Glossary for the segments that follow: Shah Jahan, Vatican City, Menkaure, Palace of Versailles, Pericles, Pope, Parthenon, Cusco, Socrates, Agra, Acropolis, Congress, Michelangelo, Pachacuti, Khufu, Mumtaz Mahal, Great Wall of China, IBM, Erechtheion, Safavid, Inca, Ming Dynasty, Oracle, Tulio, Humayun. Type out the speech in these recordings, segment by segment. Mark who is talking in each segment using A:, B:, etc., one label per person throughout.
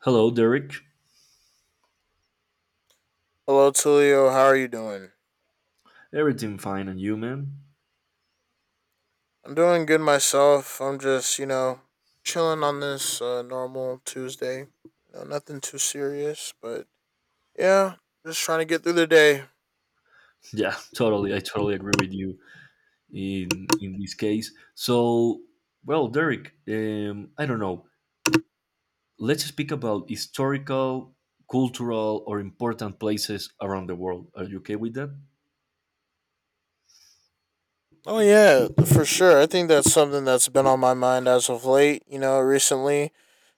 A: Hello, Derek.
B: Hello, Tulio. How are you doing?
A: Everything fine and you, man?
B: I'm doing good myself. I'm just, chilling on this normal Tuesday. Nothing too serious, but yeah, just trying to get through the day.
A: Yeah, totally. I totally agree with you in this case. So, well, Derek, I don't know. Let's speak about historical, cultural, or important places around the world. Are you okay with that?
B: Oh yeah, for sure. I think that's something that's been on my mind as of late. Recently,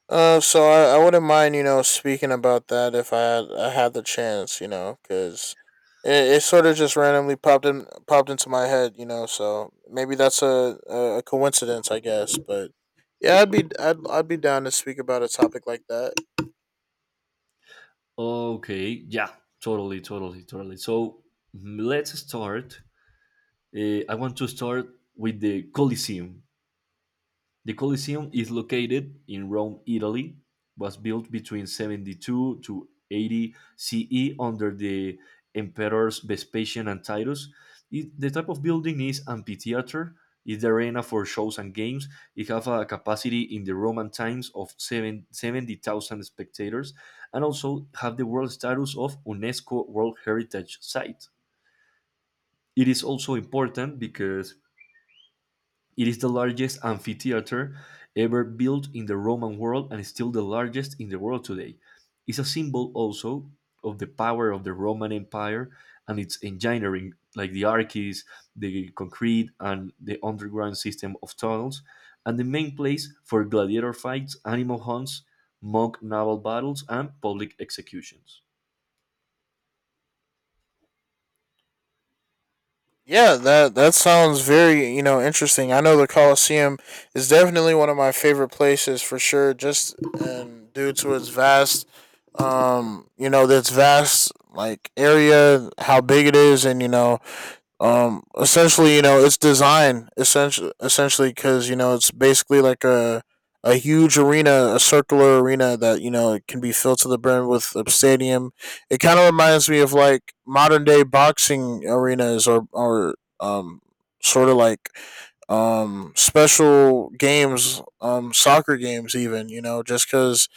B: So I wouldn't mind, speaking about that if I had the chance, because it sort of just randomly popped into my head. So maybe that's a coincidence, I guess. But yeah, I'd be down to speak about a topic like that.
A: Okay. Yeah. Totally. Totally. Totally. So let's start. I want to start with the Colosseum. The Colosseum is located in Rome, Italy, was built between 72 to 80 CE under the emperors Vespasian and Titus. The type of building is amphitheater. It's the arena for shows and games. It have a capacity in the Roman times of 770,000 spectators and also have the world status of UNESCO World Heritage Site. It is also important because it is the largest amphitheater ever built in the Roman world and is still the largest in the world today. It's a symbol also of the power of the Roman Empire and its engineering, like the arches, the concrete, and the underground system of tunnels, and the main place for gladiator fights, animal hunts, mock naval battles, and public executions.
B: Yeah, that sounds very, interesting. I know the Colosseum is definitely one of my favorite places for sure, just and due to its vast, its vast like area, how big it is, and essentially, it's design, essentially because, it's basically like a huge arena, a circular arena, that, it can be filled to the brim with a stadium. It kind of reminds me of like modern day boxing arenas or um sort of like special games, soccer games even, just because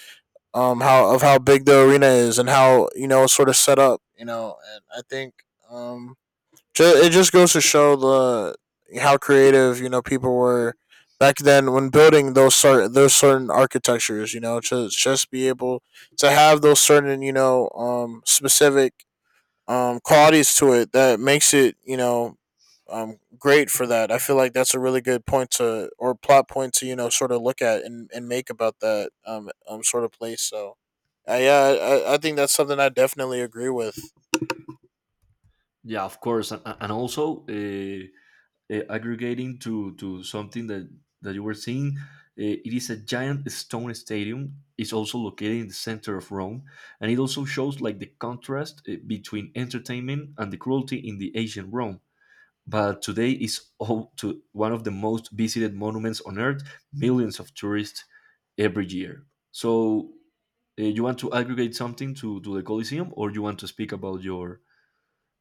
B: how big the arena is, and how, it's sort of set up, and I think, um it just goes to show the how creative, people were back then when building those certain architectures. To just be able to have those certain, specific, qualities to it, that makes it, great for that. I feel like that's a really good point to or plot point to, sort of look at and make about that, sort of place. So. Yeah, I think that's something I definitely agree with.
A: Yeah, of course, and also aggregating to something that you were seeing. It is a giant stone stadium. It's also located in the center of Rome, and it also shows like the contrast between entertainment and the cruelty in the ancient Rome. But today is all to one of the most visited monuments on Earth. Millions of tourists every year. So you want to aggregate something to the Colosseum, or you want to speak about your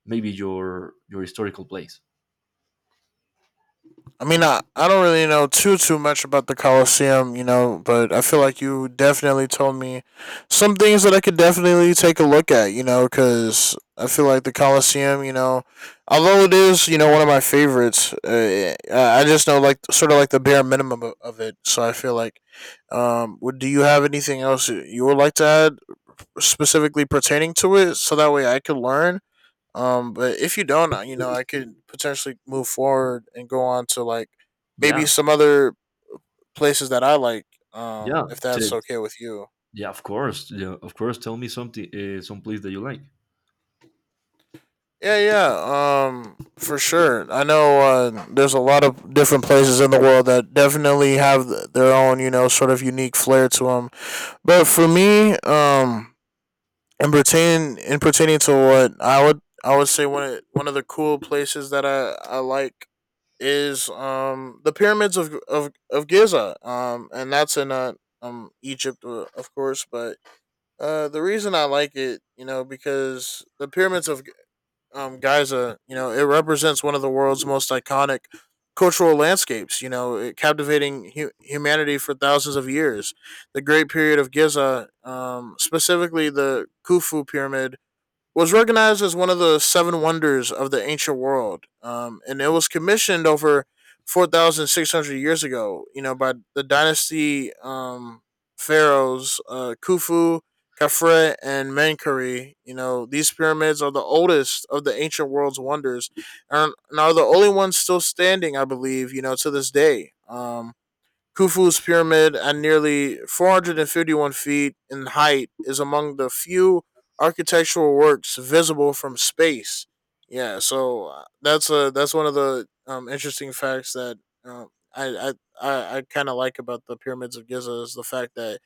A: maybe your historical place?
B: I mean, I don't really know too much about the Coliseum, but I feel like you definitely told me some things that I could definitely take a look at, because I feel like the Coliseum, although it is, one of my favorites, I just know like sort of like the bare minimum of it. So I feel like, would do you have anything else you would like to add specifically pertaining to it, so that way I could learn, but if you don't, I could potentially move forward and go on to like maybe
A: Yeah,
B: some other places that I like.
A: yeah.
B: If
A: T-
B: that's okay with you.
A: Yeah, of course. Yeah, of course. Tell me something, some place that you like.
B: Yeah, yeah. For sure. I know, there's a lot of different places in the world that definitely have their own, sort of unique flair to them. But for me, and pertaining to what I would say, one of the cool places that I like is the pyramids of Giza, and that's in, Egypt, of course. But the reason I like it, because the pyramids of, Giza, it represents one of the world's most iconic cultural landscapes, it captivating humanity for thousands of years. The Great Period of Giza, specifically the Khufu Pyramid, was recognized as one of the seven wonders of the ancient world, and it was commissioned over 4,600 years ago, by the dynasty, pharaohs, Khufu, Khafre, and Menkaure. These pyramids are the oldest of the ancient world's wonders, and are the only ones still standing, I believe, to this day. Khufu's pyramid, at nearly 451 feet in height, is among the few architectural works visible from space. Yeah, so, that's one of the, interesting facts that, um, I I I kind of like about the pyramids of Giza, is the fact that,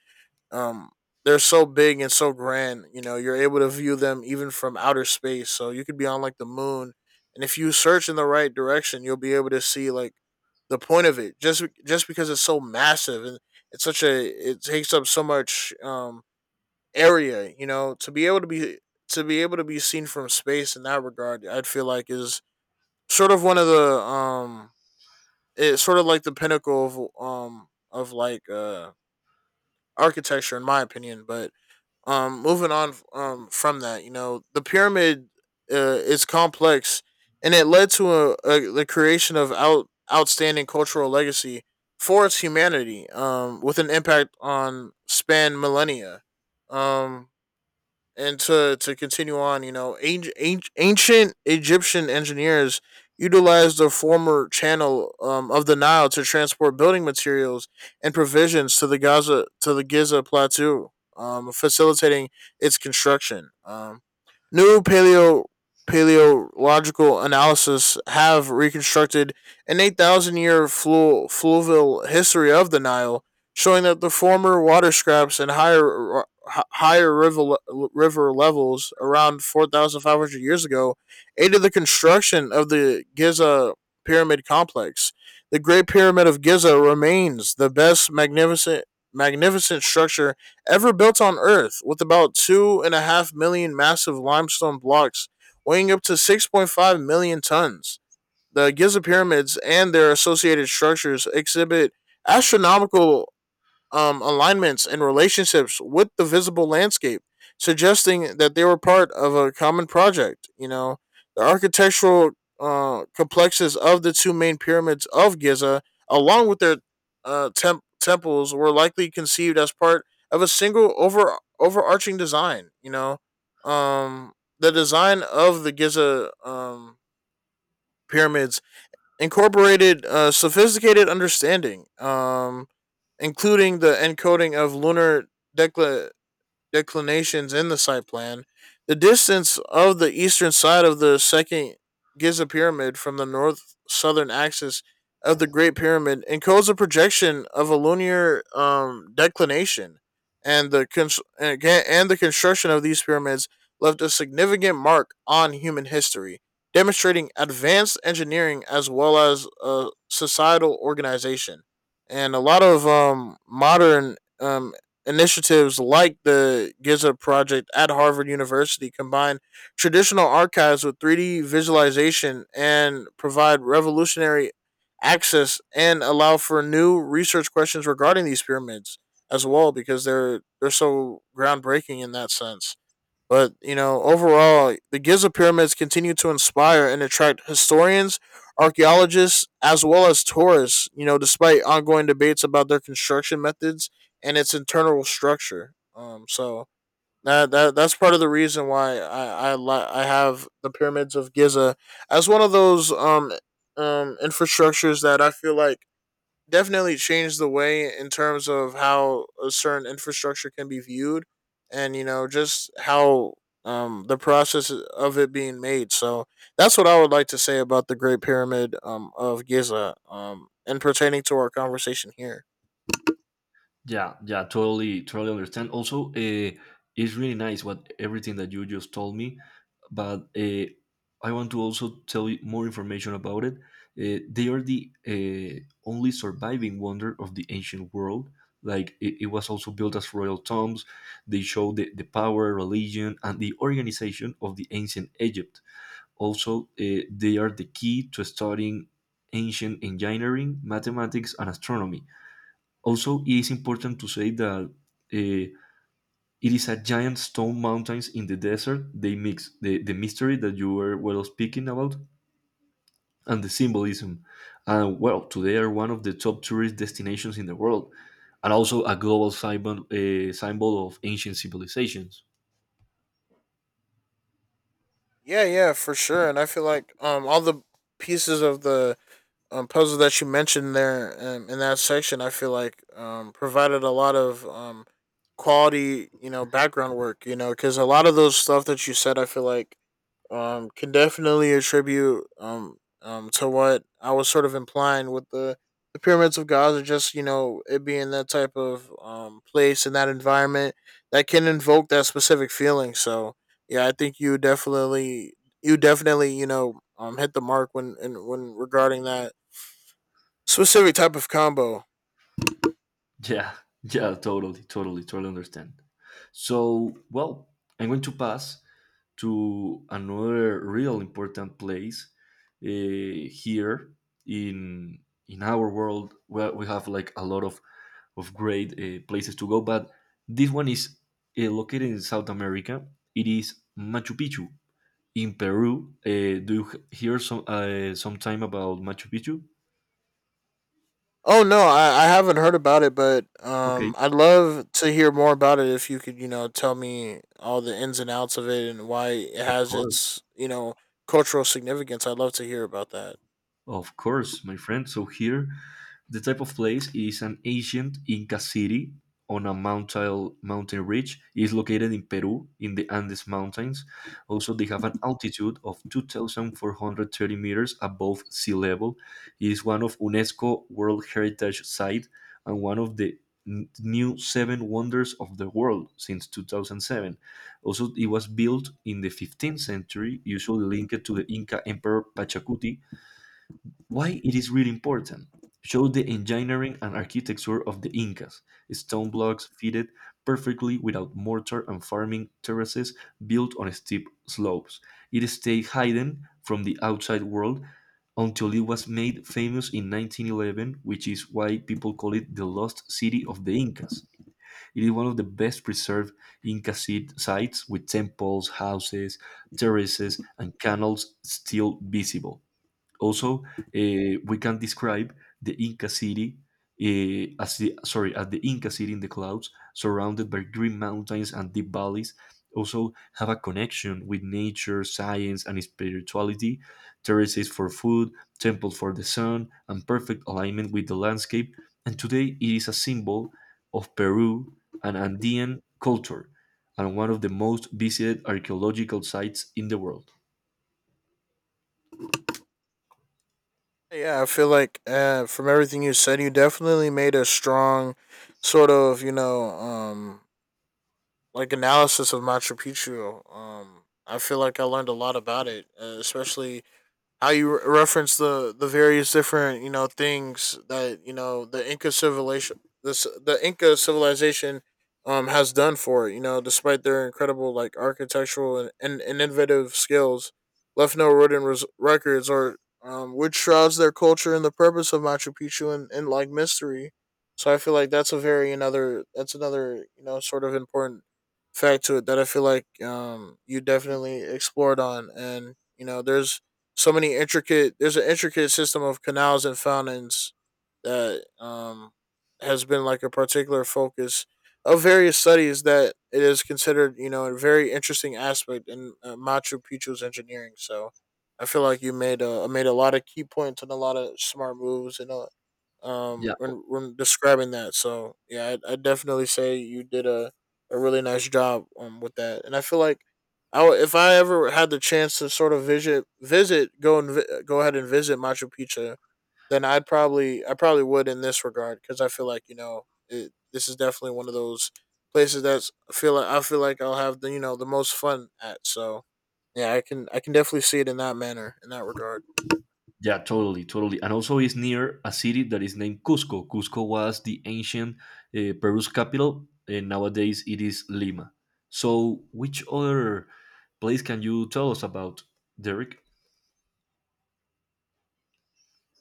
B: um they're so big and so grand, you're able to view them even from outer space, so you could be on like the moon, and if you search in the right direction, you'll be able to see like the point of it, just because it's so massive, and it's such a it takes up so much, area, to be able to be seen from space, in that regard, I'd feel like, is sort of one of the, um it's sort of like the pinnacle of, architecture in my opinion. But, moving on, from that, the pyramid, is complex, and it led to a the creation of, outstanding cultural legacy for its humanity, with an impact on span millennia. um and to continue on, ancient Egyptian engineers utilized the former channel, of the Nile, to transport building materials and provisions to the Giza plateau, facilitating its construction. New, paleological analysis have reconstructed an 8,000 year, fluvial history of the Nile, showing that the former water scraps and higher river levels, around 4,500 years ago, aided the construction of the Giza pyramid complex. The Great Pyramid of Giza remains the best, magnificent structure ever built on Earth, with about 2.5 million massive limestone blocks, weighing up to 6.5 million tons. The Giza pyramids and their associated structures exhibit astronomical, alignments and relationships with the visible landscape, suggesting that they were part of a common project. The architectural, complexes of the two main pyramids of Giza, along with their, temples, were likely conceived as part of a single, overarching design. Um, the design of the Giza, pyramids, incorporated, sophisticated understanding. Including the encoding of lunar, decla- declinations in the site plan, the distance of the eastern side of the second Giza pyramid from the north southern axis of the Great Pyramid encodes a projection of a lunar, declination, and the construction of these pyramids left a significant mark on human history, demonstrating advanced engineering, as well as, societal organization. And a lot of, modern, initiatives like the Giza project at Harvard University combine traditional archives with 3D visualization and provide revolutionary access and allow for new research questions regarding these pyramids as well, because they're so groundbreaking in that sense. But, overall, the Giza pyramids continue to inspire and attract historians, archaeologists, as well as tourists, despite ongoing debates about their construction methods and its internal structure. So that's part of the reason why, I have the pyramids of Giza as one of those, infrastructures, that I feel like definitely changed the way in terms of how a certain infrastructure can be viewed, and, just how, the process of it being made. So that's what I would like to say about the great pyramid, of Giza, and pertaining to our conversation here.
A: Yeah, yeah, totally, totally understand. Also, it's really nice what everything that you just told me, but I want to also tell you more information about it. They are the only surviving wonder of the ancient world. Like it was also built as royal tombs. They show the power, religion, and the organization of the ancient Egypt. Also, they are the key to studying ancient engineering, mathematics, and astronomy. Also, it is important to say that eh, it is a giant stone mountains in the desert. They mix the mystery that you were well speaking about and the symbolism. And well, today are one of the top tourist destinations in the world, and also a global symbol, symbol of ancient civilizations.
B: Yeah, yeah, for sure, and I feel like, all the pieces of the, puzzle that you mentioned there, in that section, I feel like, provided a lot of, quality, background work, because a lot of those stuff that you said, I feel like, can definitely attribute, to what I was sort of implying with the pyramids of Gaza, just, it being that type of, place and that environment that can invoke that specific feeling. So, yeah, I think you definitely, hit the mark when regarding that specific type of combo.
A: Yeah, yeah, totally, totally, totally understand. So, well, I'm going to pass to another real important place here in our world where we have like a lot of great places to go, but this one is located in South America. It is Machu Picchu in Peru. Do you hear some time about Machu Picchu?
B: Oh no, I haven't heard about it, but,
A: Okay,
B: I'd love to hear more about it. If you could, tell me all the ins and outs of it, and why it
A: of
B: has
A: course.
B: its, cultural significance. I'd love to hear about that.
A: Of course, my friend. So here, the type of place is an ancient Inca city on a mountain ridge. It is located in Peru in the Andes Mountains. Also, they have an altitude of 2,430 meters above sea level. It is one of UNESCO World Heritage Site and one of the new seven wonders of the world since 2007. Also, it was built in the 15th century, usually linked to the Inca Emperor Pachacuti, why it is really important. Show the engineering and architecture of the Incas, stone blocks fitted perfectly without mortar and farming terraces built on steep slopes. It stayed hidden from the outside world until it was made famous in 1911, which is why people call it the lost city of the Incas. It is one of the best preserved Inca sites with temples, houses, terraces, and canals still visible. Also, we can describe the Inca city as the Inca city in the clouds, surrounded by green mountains and deep valleys. Also, have a connection with nature, science, and spirituality. Terraces for food, temples for the sun, and perfect alignment with the landscape. And today, it is a symbol of Peru and Andean culture, and one of the most visited archaeological sites in the world.
B: Yeah, I feel like, from everything you said, you definitely made a strong sort of, like analysis of Machu Picchu. I feel like I learned a lot about it, especially how you reference the various different, things that, the Inca civilization, has done for it. Despite their incredible like architectural and innovative skills, left no written, records, or, which shrouds their culture and the purpose of Machu Picchu, in like mystery. So I feel like that's a very another that's another sort of important fact to it that I feel like you definitely explored on, and there's so many intricate. There's an intricate system of canals and fountains that has been like a particular focus of various studies, that it is considered, you know, a very interesting aspect in Machu Picchu's engineering. So I feel like you made a lot of key points and a lot of smart moves, and a
A: Yeah.
B: when describing that. So yeah, I definitely say you did a really nice job with that, and I feel like if I ever had the chance to sort of go ahead and visit Machu Picchu, then I probably would in this regard, because I feel like, you know, this is definitely one of those places that's I feel like I'll have the, you know, the most fun at. So yeah, I can definitely see it in that manner, in that regard.
A: Yeah, totally, totally. And also, it's near a city that is named Cusco. Cusco was the ancient Peru's capital, and nowadays it is Lima. So, which other place can you tell us about, Derek?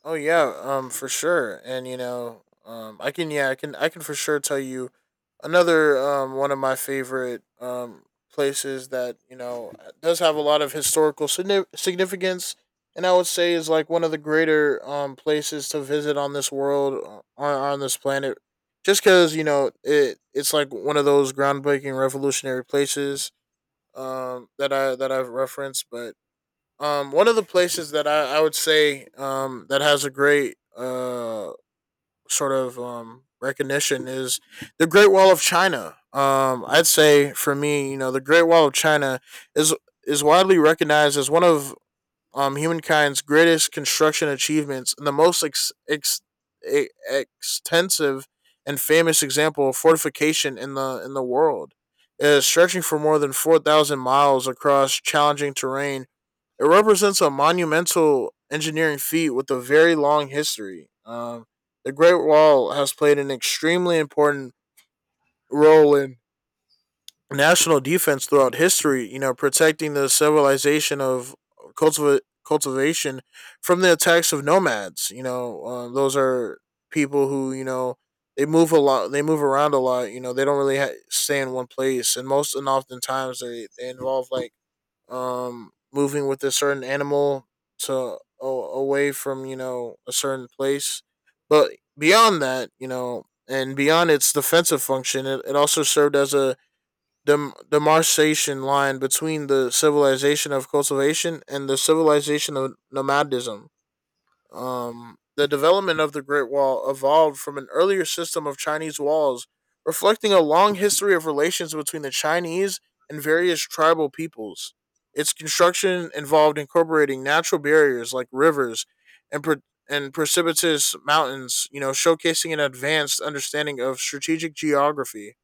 B: Oh yeah, for sure. And you know, I can, yeah, I can for sure tell you another one of my favorite places that, you know, does have a lot of historical significance, and I would say is like one of the greater places to visit on this world, on this planet, just because, you know, it it's like one of those groundbreaking revolutionary places that I've referenced. But one of the places that I would say, that has a great, sort of, recognition is the Great Wall of China. I'd say, for me, you know, the Great Wall of China is is widely recognized as one of humankind's greatest construction achievements, and the most extensive and famous example of fortification in the world. It is stretching for more than 4,000 miles across challenging terrain. It represents a monumental engineering feat with a very long history. The Great Wall has played an extremely important role in national defense throughout history, you know, protecting the civilization of cultivation from the attacks of nomads. You know, those are people who, you know, they move a lot, they move around a lot, you know, they don't really stay in one place. And most and oftentimes they involve like moving with a certain animal to a away from, you know, a certain place. But beyond that, you know, and beyond its defensive function, it also served as a demarcation line between the civilization of cultivation and the civilization of nomadism. The development of the Great Wall evolved from an earlier system of Chinese walls, reflecting a long history of relations between the Chinese and various tribal peoples. Its construction involved incorporating natural barriers like rivers and, pre- and precipitous mountains, you know, showcasing an advanced understanding of strategic geography.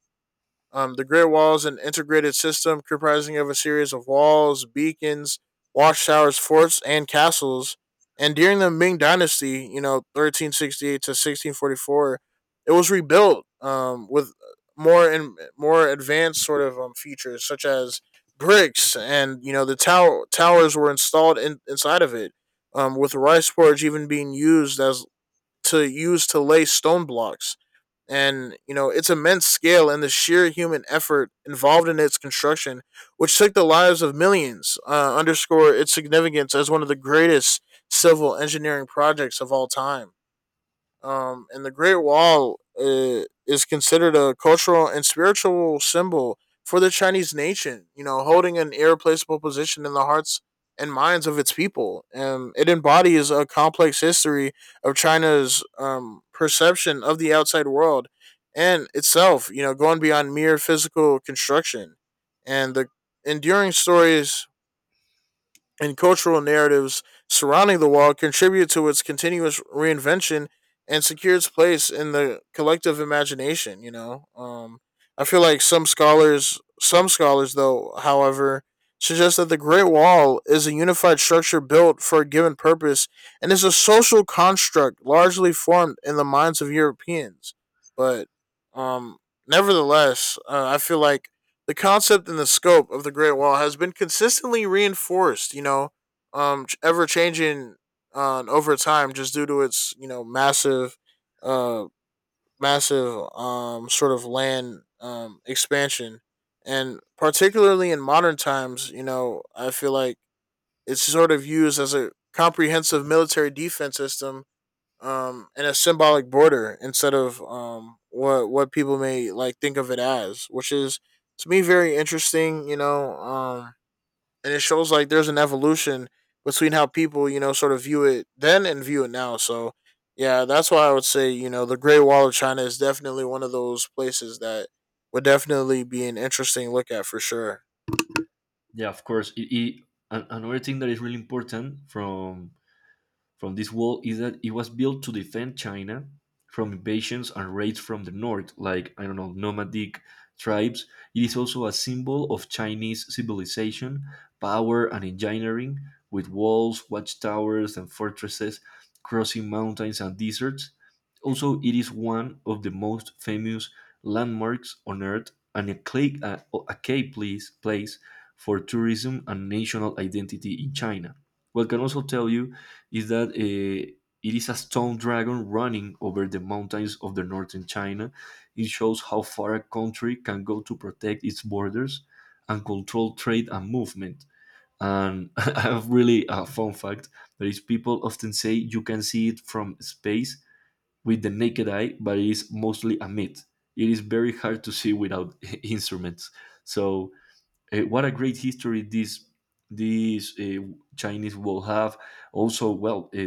B: The Great Wall is an integrated system comprising of a series of walls, beacons, watchtowers, forts, and castles. And during the Ming Dynasty, you know, 1368 to 1644, it was rebuilt with more and more advanced sort of features such as bricks, and you know the tower towers were installed inside of it, with rice porridge even being used as to use to lay stone blocks. And, you know, its immense scale and the sheer human effort involved in its construction, which took the lives of millions, underscore its significance as one of the greatest civil engineering projects of all time. And the Great Wall, is considered a cultural and spiritual symbol for the Chinese nation, you know, holding an irreplaceable position in the hearts and minds of its people. It embodies a complex history of China's perception of the outside world and itself. You know, going beyond mere physical construction. And the enduring stories and cultural narratives surrounding the wall contribute to its continuous reinvention and secure its place in the collective imagination, you know. I feel like some scholars, though, however, suggest that the Great Wall is a unified structure built for a given purpose, and is a social construct largely formed in the minds of Europeans. But um nevertheless, I feel like the concept and the scope of the Great Wall has been consistently reinforced, you know, ever changing, over time, just due to its, you know, uh, massive, sort of land, expansion. And particularly in modern times, you know, I feel like it's sort of used as a comprehensive military defense system and a symbolic border, instead of what people may like think of it as, which is to me very interesting, you know. And it shows like there's an evolution between how people, you know, sort of view it then and view it now. So yeah, that's why I would say, you know, the Great Wall of China is definitely one of those places that would definitely be an interesting look at, for sure.
A: Yeah, of course. Another thing that is really important from this wall is that it was built to defend China from invasions and raids from the north, like, I don't know, nomadic tribes. It is also a symbol of Chinese civilization, power, and engineering, with walls, watchtowers, and fortresses crossing mountains and deserts. Also, it is one of the most famous landmarks on Earth and a key place for tourism and national identity in China. What I can also tell you is that it is a stone dragon running over the mountains of the northern China. It shows how far a country can go to protect its borders and control trade and movement. And I have really a fun fact that is people often say you can see it from space with the naked eye, but it is mostly a myth. It is very hard to see without instruments. So what a great history this this uh, Chinese will have. Also, well,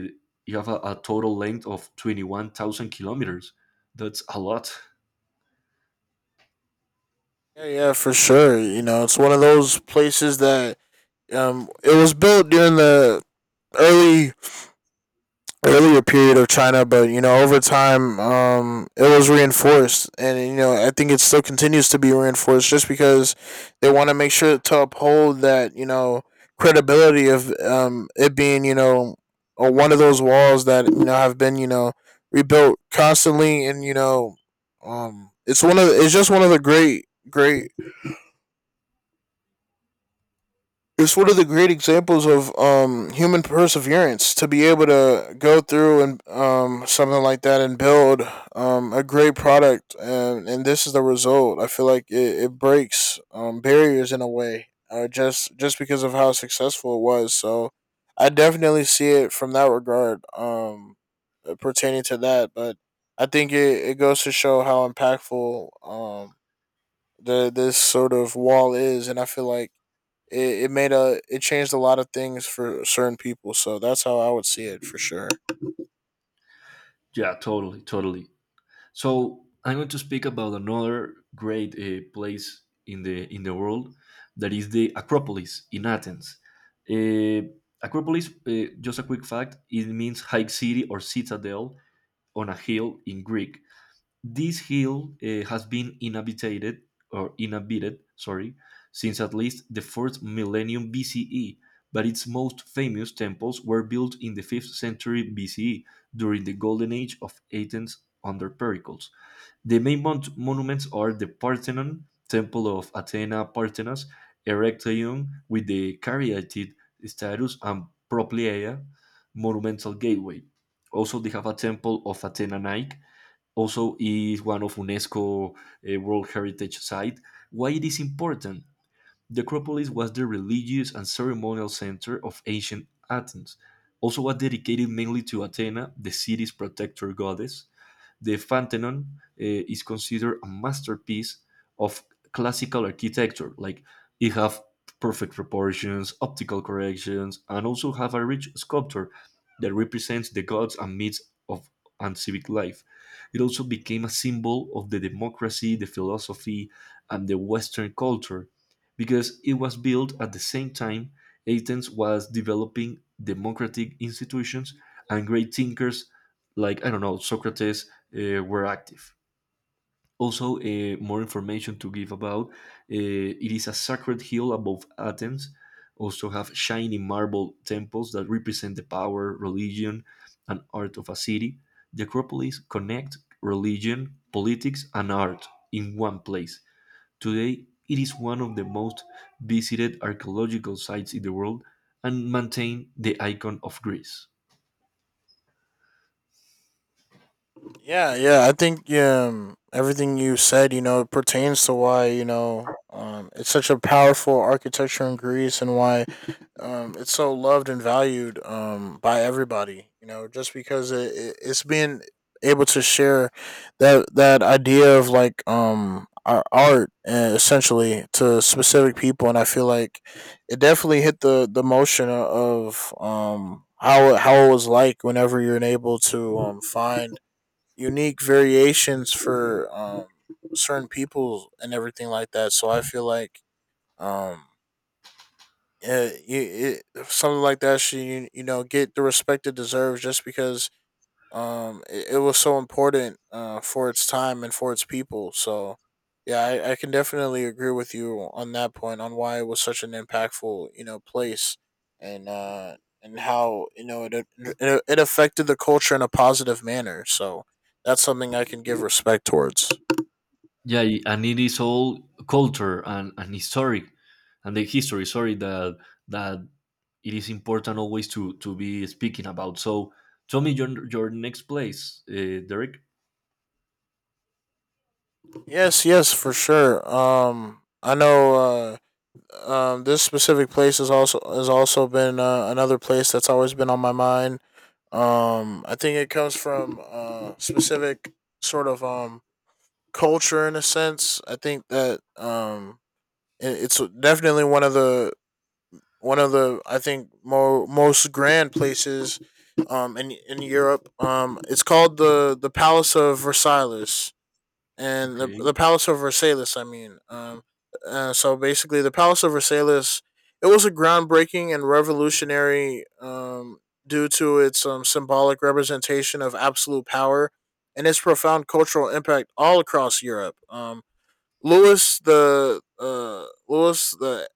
A: you have a total length of 21,000 kilometers. That's a lot.
B: Yeah, yeah, for sure. You know, it's one of those places that it was built during the early earlier period of China, but you know over time it was reinforced, and you know I think it still continues to be reinforced, just because they want to make sure to uphold that, you know, credibility of it being, you know, one of those walls that, you know, have been, you know, rebuilt constantly, and you know it's just one of the great great it's one of the great examples of human perseverance, to be able to go through and something like that and build a great product, and this is the result. I feel like it breaks barriers in a way, just because of how successful it was. So I definitely see it from that regard, pertaining to that. But I think it goes to show how impactful the this sort of wall is, and I feel like it changed a lot of things for certain people. So that's how I would see it, for sure.
A: Yeah, totally, totally. So I'm going to speak about another great place in the world that is the Acropolis in Athens. Uh, Acropolis, just a quick fact, it means high city or citadel on a hill in Greek. This hill has been inhabited, sorry, since at least the fourth millennium BCE, but its most famous temples were built in the 5th century BCE during the golden age of Athens under Pericles. The main monuments are the Parthenon, Temple of Athena Parthenas, Erechtheion with the Caryatid status and Propylaea, Monumental Gateway. Also, they have a temple of Athena Nike, also is one of UNESCO World Heritage Site. Why it is important? The Acropolis was the religious and ceremonial center of ancient Athens, also was dedicated mainly to Athena, the city's protector goddess. The Pantheon is considered a masterpiece of classical architecture. Like it have perfect proportions, optical corrections, and also have a rich sculpture that represents the gods and myths of and civic life. It also became a symbol of the democracy, the philosophy, and the Western culture because it was built at the same time Athens was developing democratic institutions and great thinkers like, I don't know, Socrates were active. Also, more information to give about it is a sacred hill above Athens. Also, have shiny marble temples that represent the power, religion, and art of a city. The Acropolis connect religion, politics, and art in one place. Today, it is one of the most visited archaeological sites in the world and maintain the icon of Greece.
B: Yeah, yeah. I think everything you said, you know, pertains to why, you know, it's such a powerful architecture in Greece, and why it's so loved and valued by everybody. You know, just because it it's being able to share that idea of like our art, essentially to specific people, and I feel like it definitely hit the motion of how it was like whenever you're able to find unique variations for certain people and everything like that. So I feel like um it, something like that should, you know, get the respect it deserves, just because it was so important for its time and for its people. So yeah, I can definitely agree with you on that point on why it was such an impactful, you know, place. And and how, you know, it affected the culture in a positive manner. So that's something I can give respect towards.
A: Yeah, and it is all culture and historic and the history, sorry, that that it is important always to be speaking about. So tell me your next place, Derek.
B: Yes, yes, for sure. I know this specific place is also has also been, another place that's always been on my mind. I think it comes from, specific sort of culture in a sense. I think that, it's definitely one of the I think more most grand places in Europe. It's called the Palace of Versailles, and
A: Okay.
B: the Palace of Versailles, I mean, so basically, the Palace of Versailles. It was a groundbreaking and revolutionary, due to its symbolic representation of absolute power and its profound cultural impact all across Europe. Louis the,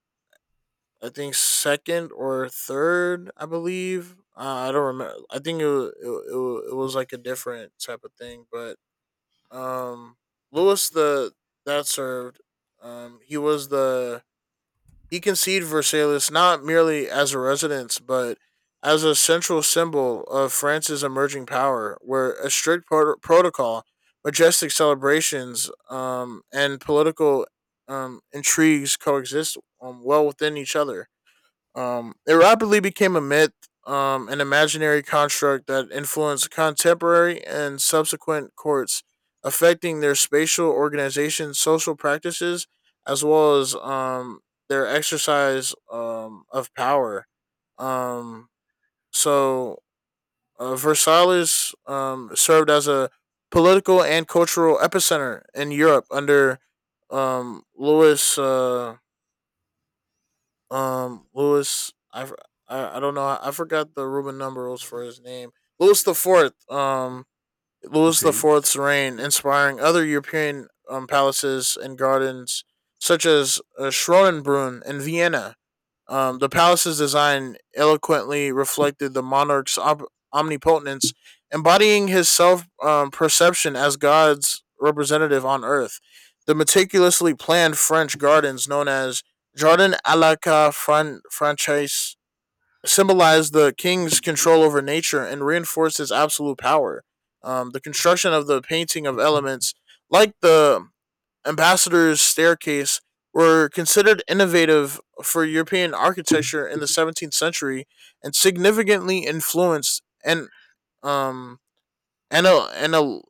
B: I think, second or third, I believe. I don't remember. I think it it was like a different type of thing. But um, Louis the that served. He was the he conceived Versailles not merely as a residence, but as a central symbol of France's emerging power, where a strict protocol, majestic celebrations, and political intrigues coexist well within each other. It rapidly became a myth, an imaginary construct that influenced contemporary and subsequent courts, affecting their spatial organization, social practices, as well as their exercise of power. Um, so, Versailles served as a political and cultural epicenter in Europe under, Louis. Lewis, I don't know. I forgot the Roman numerals for his name. Louis the Fourth. Louis the
A: Okay.
B: Fourth's reign, inspiring other European palaces and gardens such as Schronenbrunn in Vienna. Um, the palace's design eloquently reflected the monarch's omnipotence, embodying his self perception as God's representative on earth. The meticulously planned French gardens, known as Jardin à la Francaise, symbolized the king's control over nature and reinforced his absolute power. The construction of the painting of elements, like the ambassador's staircase were considered innovative for European architecture in the 17th century and significantly influenced um and a,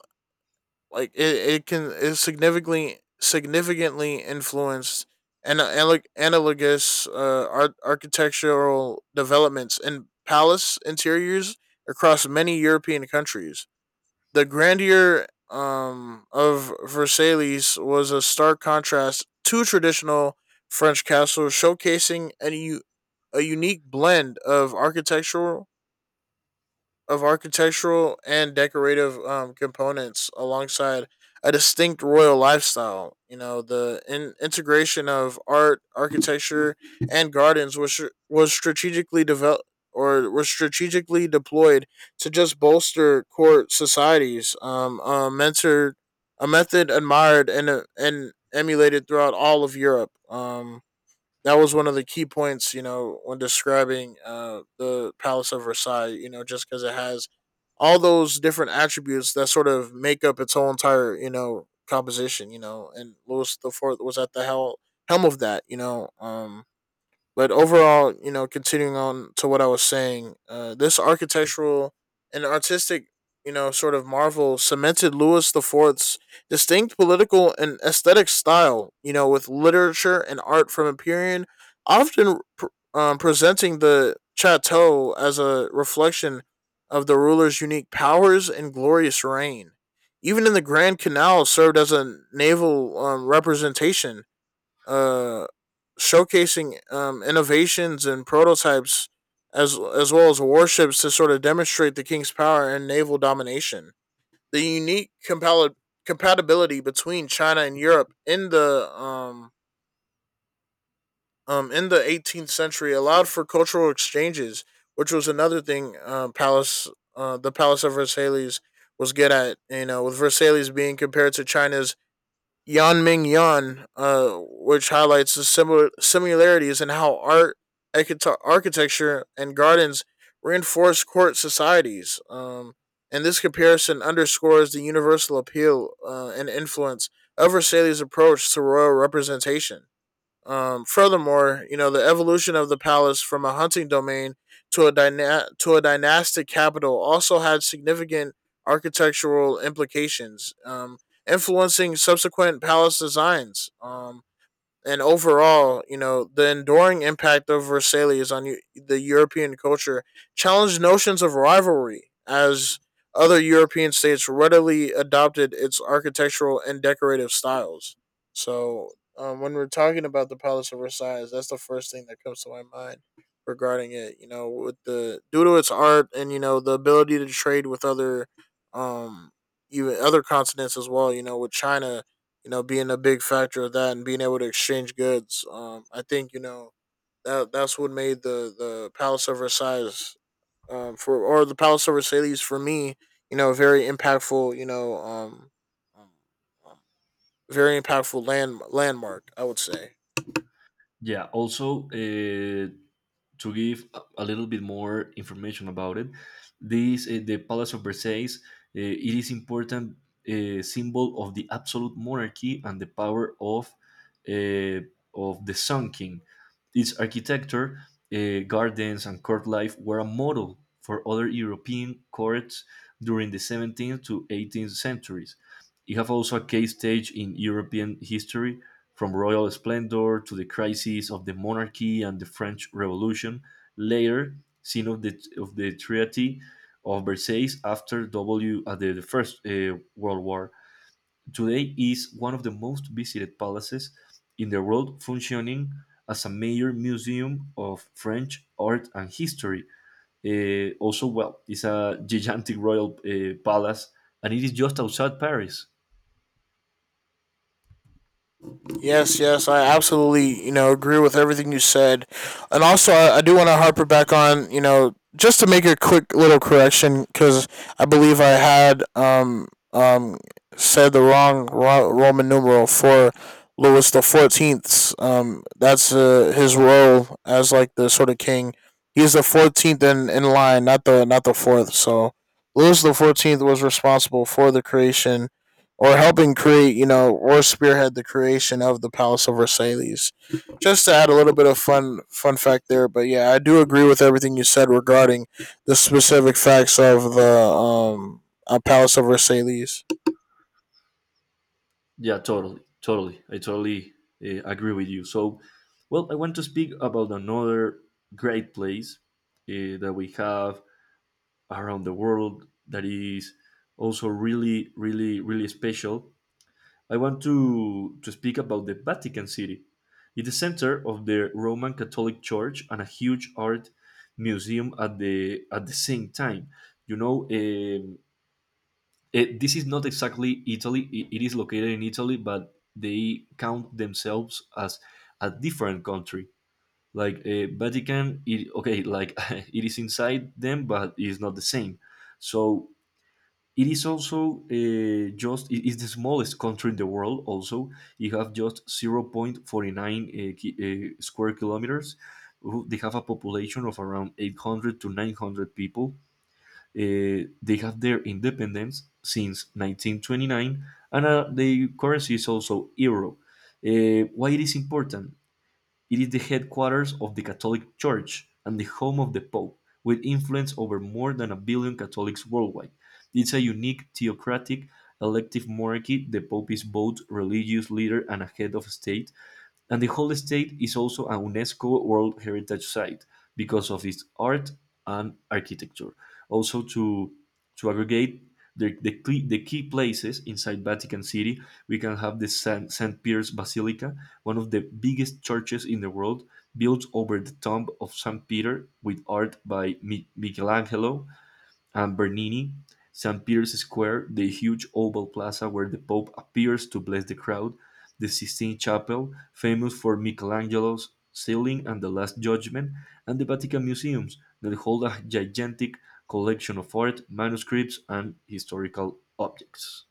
B: like it can it significantly significantly influenced and analogous architectural developments in palace interiors across many European countries. The grandeur of Versailles was a stark contrast to traditional French castles, showcasing an unique blend of architectural and decorative components alongside a distinct royal lifestyle. The integration of art, architecture, and gardens was strategically deployed to just bolster court societies. A mentor, a method admired and emulated throughout all of Europe. That was one of the key points, you know, when describing the Palace of Versailles, you know, just because it has all those different attributes that sort of make up its whole entire, you know, composition, you know, and Louis the Fourth was at the helm of that, you know. Um, but overall, you know, continuing on to what I was saying, this architectural and artistic, you know, sort of marvel cemented Louis the Fourth's distinct political and aesthetic style, you know, with literature and art from Empyrean, often presenting the chateau as a reflection of the ruler's unique powers and glorious reign. Even in the Grand Canal served as a naval representation uh, showcasing innovations and prototypes as well as warships to sort of demonstrate the king's power and naval domination. The compatibility between China and Europe in the 18th century allowed for cultural exchanges, which was another thing Palace the Palace of Versailles was good at. You know, with Versailles being compared to China's Yan Ming Yan, which highlights the similarities in how art, architecture, and gardens reinforce court societies. And this comparison underscores the universal appeal and influence of Versailles' approach to royal representation. Furthermore, you know the evolution of the palace from a hunting domain to a dynastic capital also had significant architectural implications, influencing subsequent palace designs. And overall, you know, the enduring impact of Versailles on the European culture challenged notions of rivalry as other European states readily adopted its architectural and decorative styles. So, when we're talking about the Palace of Versailles, that's the first thing that comes to my mind regarding it. You know, with the due to its art and you know the ability to trade with other, um, even other continents as well. You know, with China you know, being a big factor of that and being able to exchange goods. I think you know that that's what made the Palace of Versailles for or the Palace of Versailles for me, you know, very impactful. You know, um, um, very impactful landmark, I would say.
A: Yeah. Also, to give a little bit more information about it, this the Palace of Versailles. It is important symbol of the absolute monarchy and the power uh, of the Sun King. Its architecture, gardens, and court life were a model for other European courts during the 17th to 18th centuries. It have also a case stage in European history from royal splendor to the crises of the monarchy and the French Revolution, later scene of the Treaty of Versailles after W at the First World War, today is one of the most visited palaces in the world, functioning as a major museum of French art and history. Also, well, it's a gigantic royal palace, and it is just outside Paris.
B: Yes, yes, I absolutely, you know, agree with everything you said. And also, I do want to harper back on, you know, just to make a quick little correction, because I believe I had um, said the wrong Roman numeral for Louis the XIV. That's his role as like the sort of king. He's the 14th in line, not the fourth. So Louis the XIV was responsible for the creation or helping create, you know, or spearhead the creation of the Palace of Versailles. Just to add a little bit of fun fact there, but yeah, I do agree with everything you said regarding the specific facts of the Palace of Versailles.
A: Yeah, totally, totally. I totally agree with you. So, well, I want to speak about another great place that we have around the world that is also really, really, really special. I want to speak about the Vatican City. It's the center of the Roman Catholic Church and a huge art museum at the same time. You know, it, this is not exactly Italy. It is located in Italy, but they count themselves as a different country. Like Vatican, okay, like it is inside them, but it is not the same. So it is also just it is the smallest country in the world. Also, you have just 0.49 square kilometers. They have a population of around 800 to 900 people, they have their independence since 1929, and the currency is also euro. Why it is important? It is the headquarters of the Catholic Church and the home of the Pope, with influence over more than a billion Catholics worldwide. It's a unique theocratic elective monarchy. The Pope is both religious leader and a head of state, and the whole estate is also a UNESCO World Heritage Site because of its art and architecture. Also, to aggregate the key places inside Vatican City, we can have the St. Saint Peter's Basilica, one of the biggest churches in the world, built over the tomb of St. Peter with art by Michelangelo and Bernini, St. Peter's Square, the huge oval plaza where the Pope appears to bless the crowd, the Sistine Chapel, famous for Michelangelo's ceiling and the Last Judgment, and the Vatican Museums, that hold a gigantic collection of art, manuscripts, and historical objects.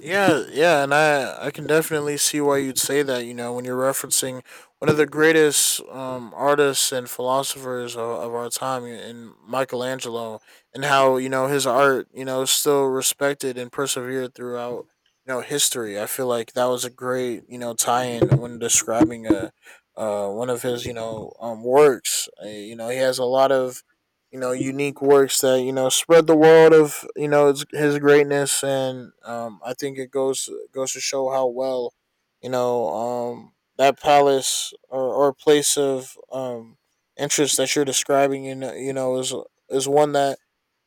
B: Yeah, yeah, and I can definitely see why you'd say that. You know, when you're referencing one of the greatest artists and philosophers of our time, in Michelangelo, and how you know his art, you know, is still respected and persevered throughout you know history. I feel like that was a great you know tie-in when describing a one of his you know works. You know, he has a lot of you know unique works that you know spread the world of you know his greatness, and I think it goes to show how well you know that palace, or place of interest that you're describing you know is one that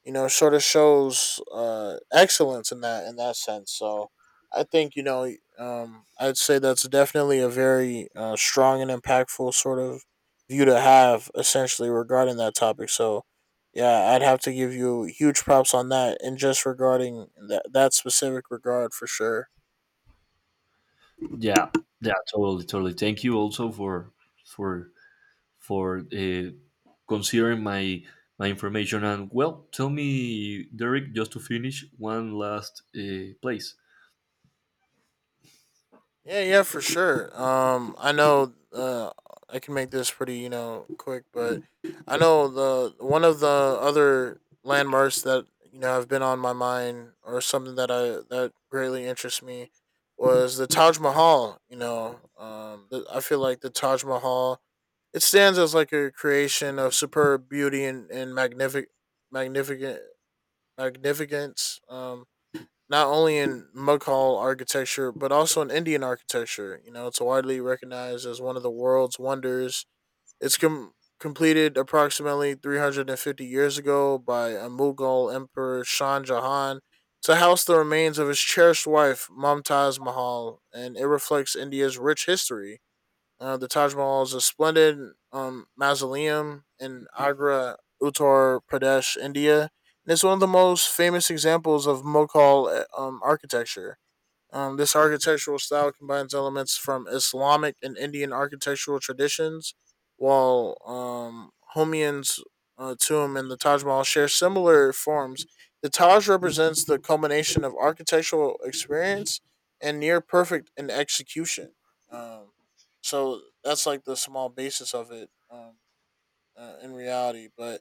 B: you know sort of shows excellence in that sense. So I think you know I'd say that's definitely a very strong and impactful sort of view to have essentially regarding that topic. So yeah, I'd have to give you huge props on that, and just regarding that specific regard for sure.
A: Yeah, yeah, totally, totally. Thank you also for for for uh, considering my information. And well, tell me, Derek, just to finish one last place.
B: Yeah, yeah, for sure. I know. I can make this pretty, you know, quick, but I know the one of the other landmarks that you know have been on my mind or something that greatly interests me was the Taj Mahal. I feel like the Taj Mahal it stands as like a creation of superb beauty and magnificent significance, not only in Mughal architecture, but also in Indian architecture. You know, it's widely recognized as one of the world's wonders. It's completed approximately 350 years ago by a Mughal emperor, Shah Jahan, to house the remains of his cherished wife, Mumtaz Mahal, and it reflects India's rich history. Uh, the Taj Mahal is a splendid mausoleum in Agra, Uttar Pradesh, India, and it's one of the most famous examples of Mughal architecture. This architectural style combines elements from Islamic and Indian architectural traditions, while Humayun's tomb and the Taj Mahal share similar forms. The Taj represents the culmination of architectural experience and near perfect in execution. Um, so that's like the small basis of it, in reality. But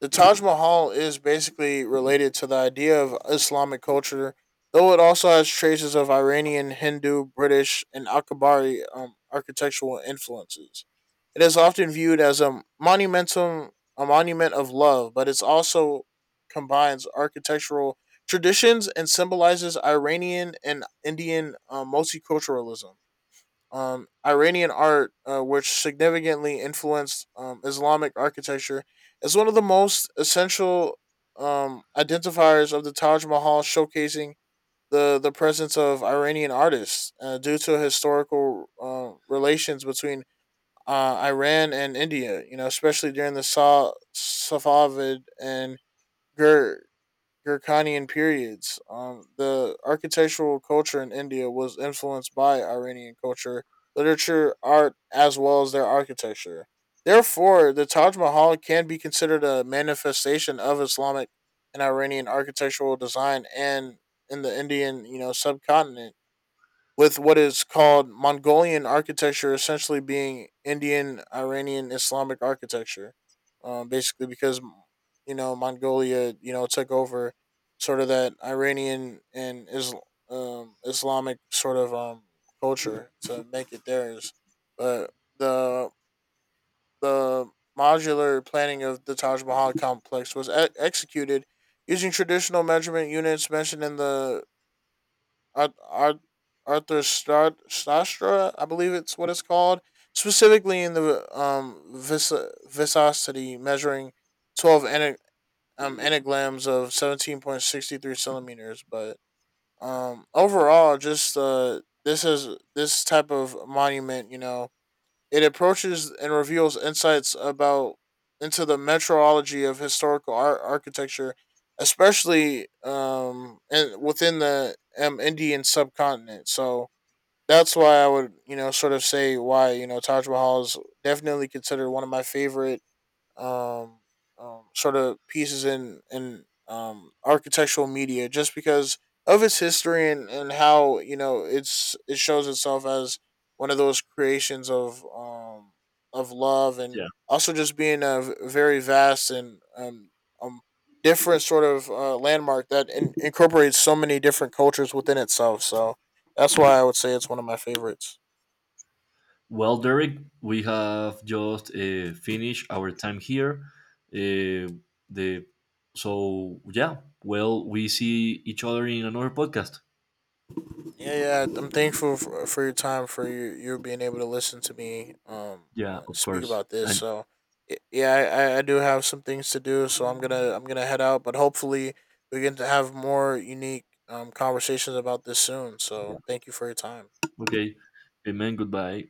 B: the Taj Mahal is basically related to the idea of Islamic culture, though it also has traces of Iranian, Hindu, British, and Akbari architectural influences. It is often viewed as a monument of love, but it also combines architectural traditions and symbolizes Iranian and Indian multiculturalism. Iranian art, which significantly influenced Islamic architecture, is one of the most essential identifiers of the Taj Mahal, showcasing the presence of Iranian artists due to historical relations between Iran and India. You know, especially during the Safavid and Gur- Gurkhanian periods. The architectural culture in India was influenced by Iranian culture, literature, art, as well as their architecture. Therefore, the Taj Mahal can be considered a manifestation of Islamic and Iranian architectural design and in the Indian, you know, subcontinent with what is called Mongolian architecture essentially being Indian Iranian Islamic architecture. Basically, because you know Mongolia, you know, took over sort of that Iranian and Islamic sort of culture to make it theirs. But the the modular planning of the Taj Mahal complex was executed using traditional measurement units mentioned in the Ar- Ar- Arthur Strad, I believe it's what it's called, specifically in the viscosity measuring 12 anagrams of 17.63 centimeters. But overall, just this is this type of monument, you know, it approaches and reveals insights about into the metrology of historical architecture, especially and within the Indian subcontinent. So that's why I would you know sort of say why you know Taj Mahal is definitely considered one of my favorite um, sort of pieces in architectural media just because of its history, and how you know it shows itself as one of those creations of love and
A: Yeah.
B: also just being a very vast and um, different sort of landmark that incorporates so many different cultures within itself. So that's why I would say it's one of my favorites.
A: Well, Derek, we have just finished our time here. Uh, the so yeah. Well, we see each other in another podcast.
B: Yeah, yeah. I'm thankful for your time for you being able to listen to me
A: Yeah, of
B: speak
A: course.
B: about this.
A: And
B: So yeah, I do have some things to do, so I'm gonna head out. But hopefully we get to have more unique conversations about this soon.
A: yeah.
B: So thank you for your time.
A: Okay. Amen. Goodbye.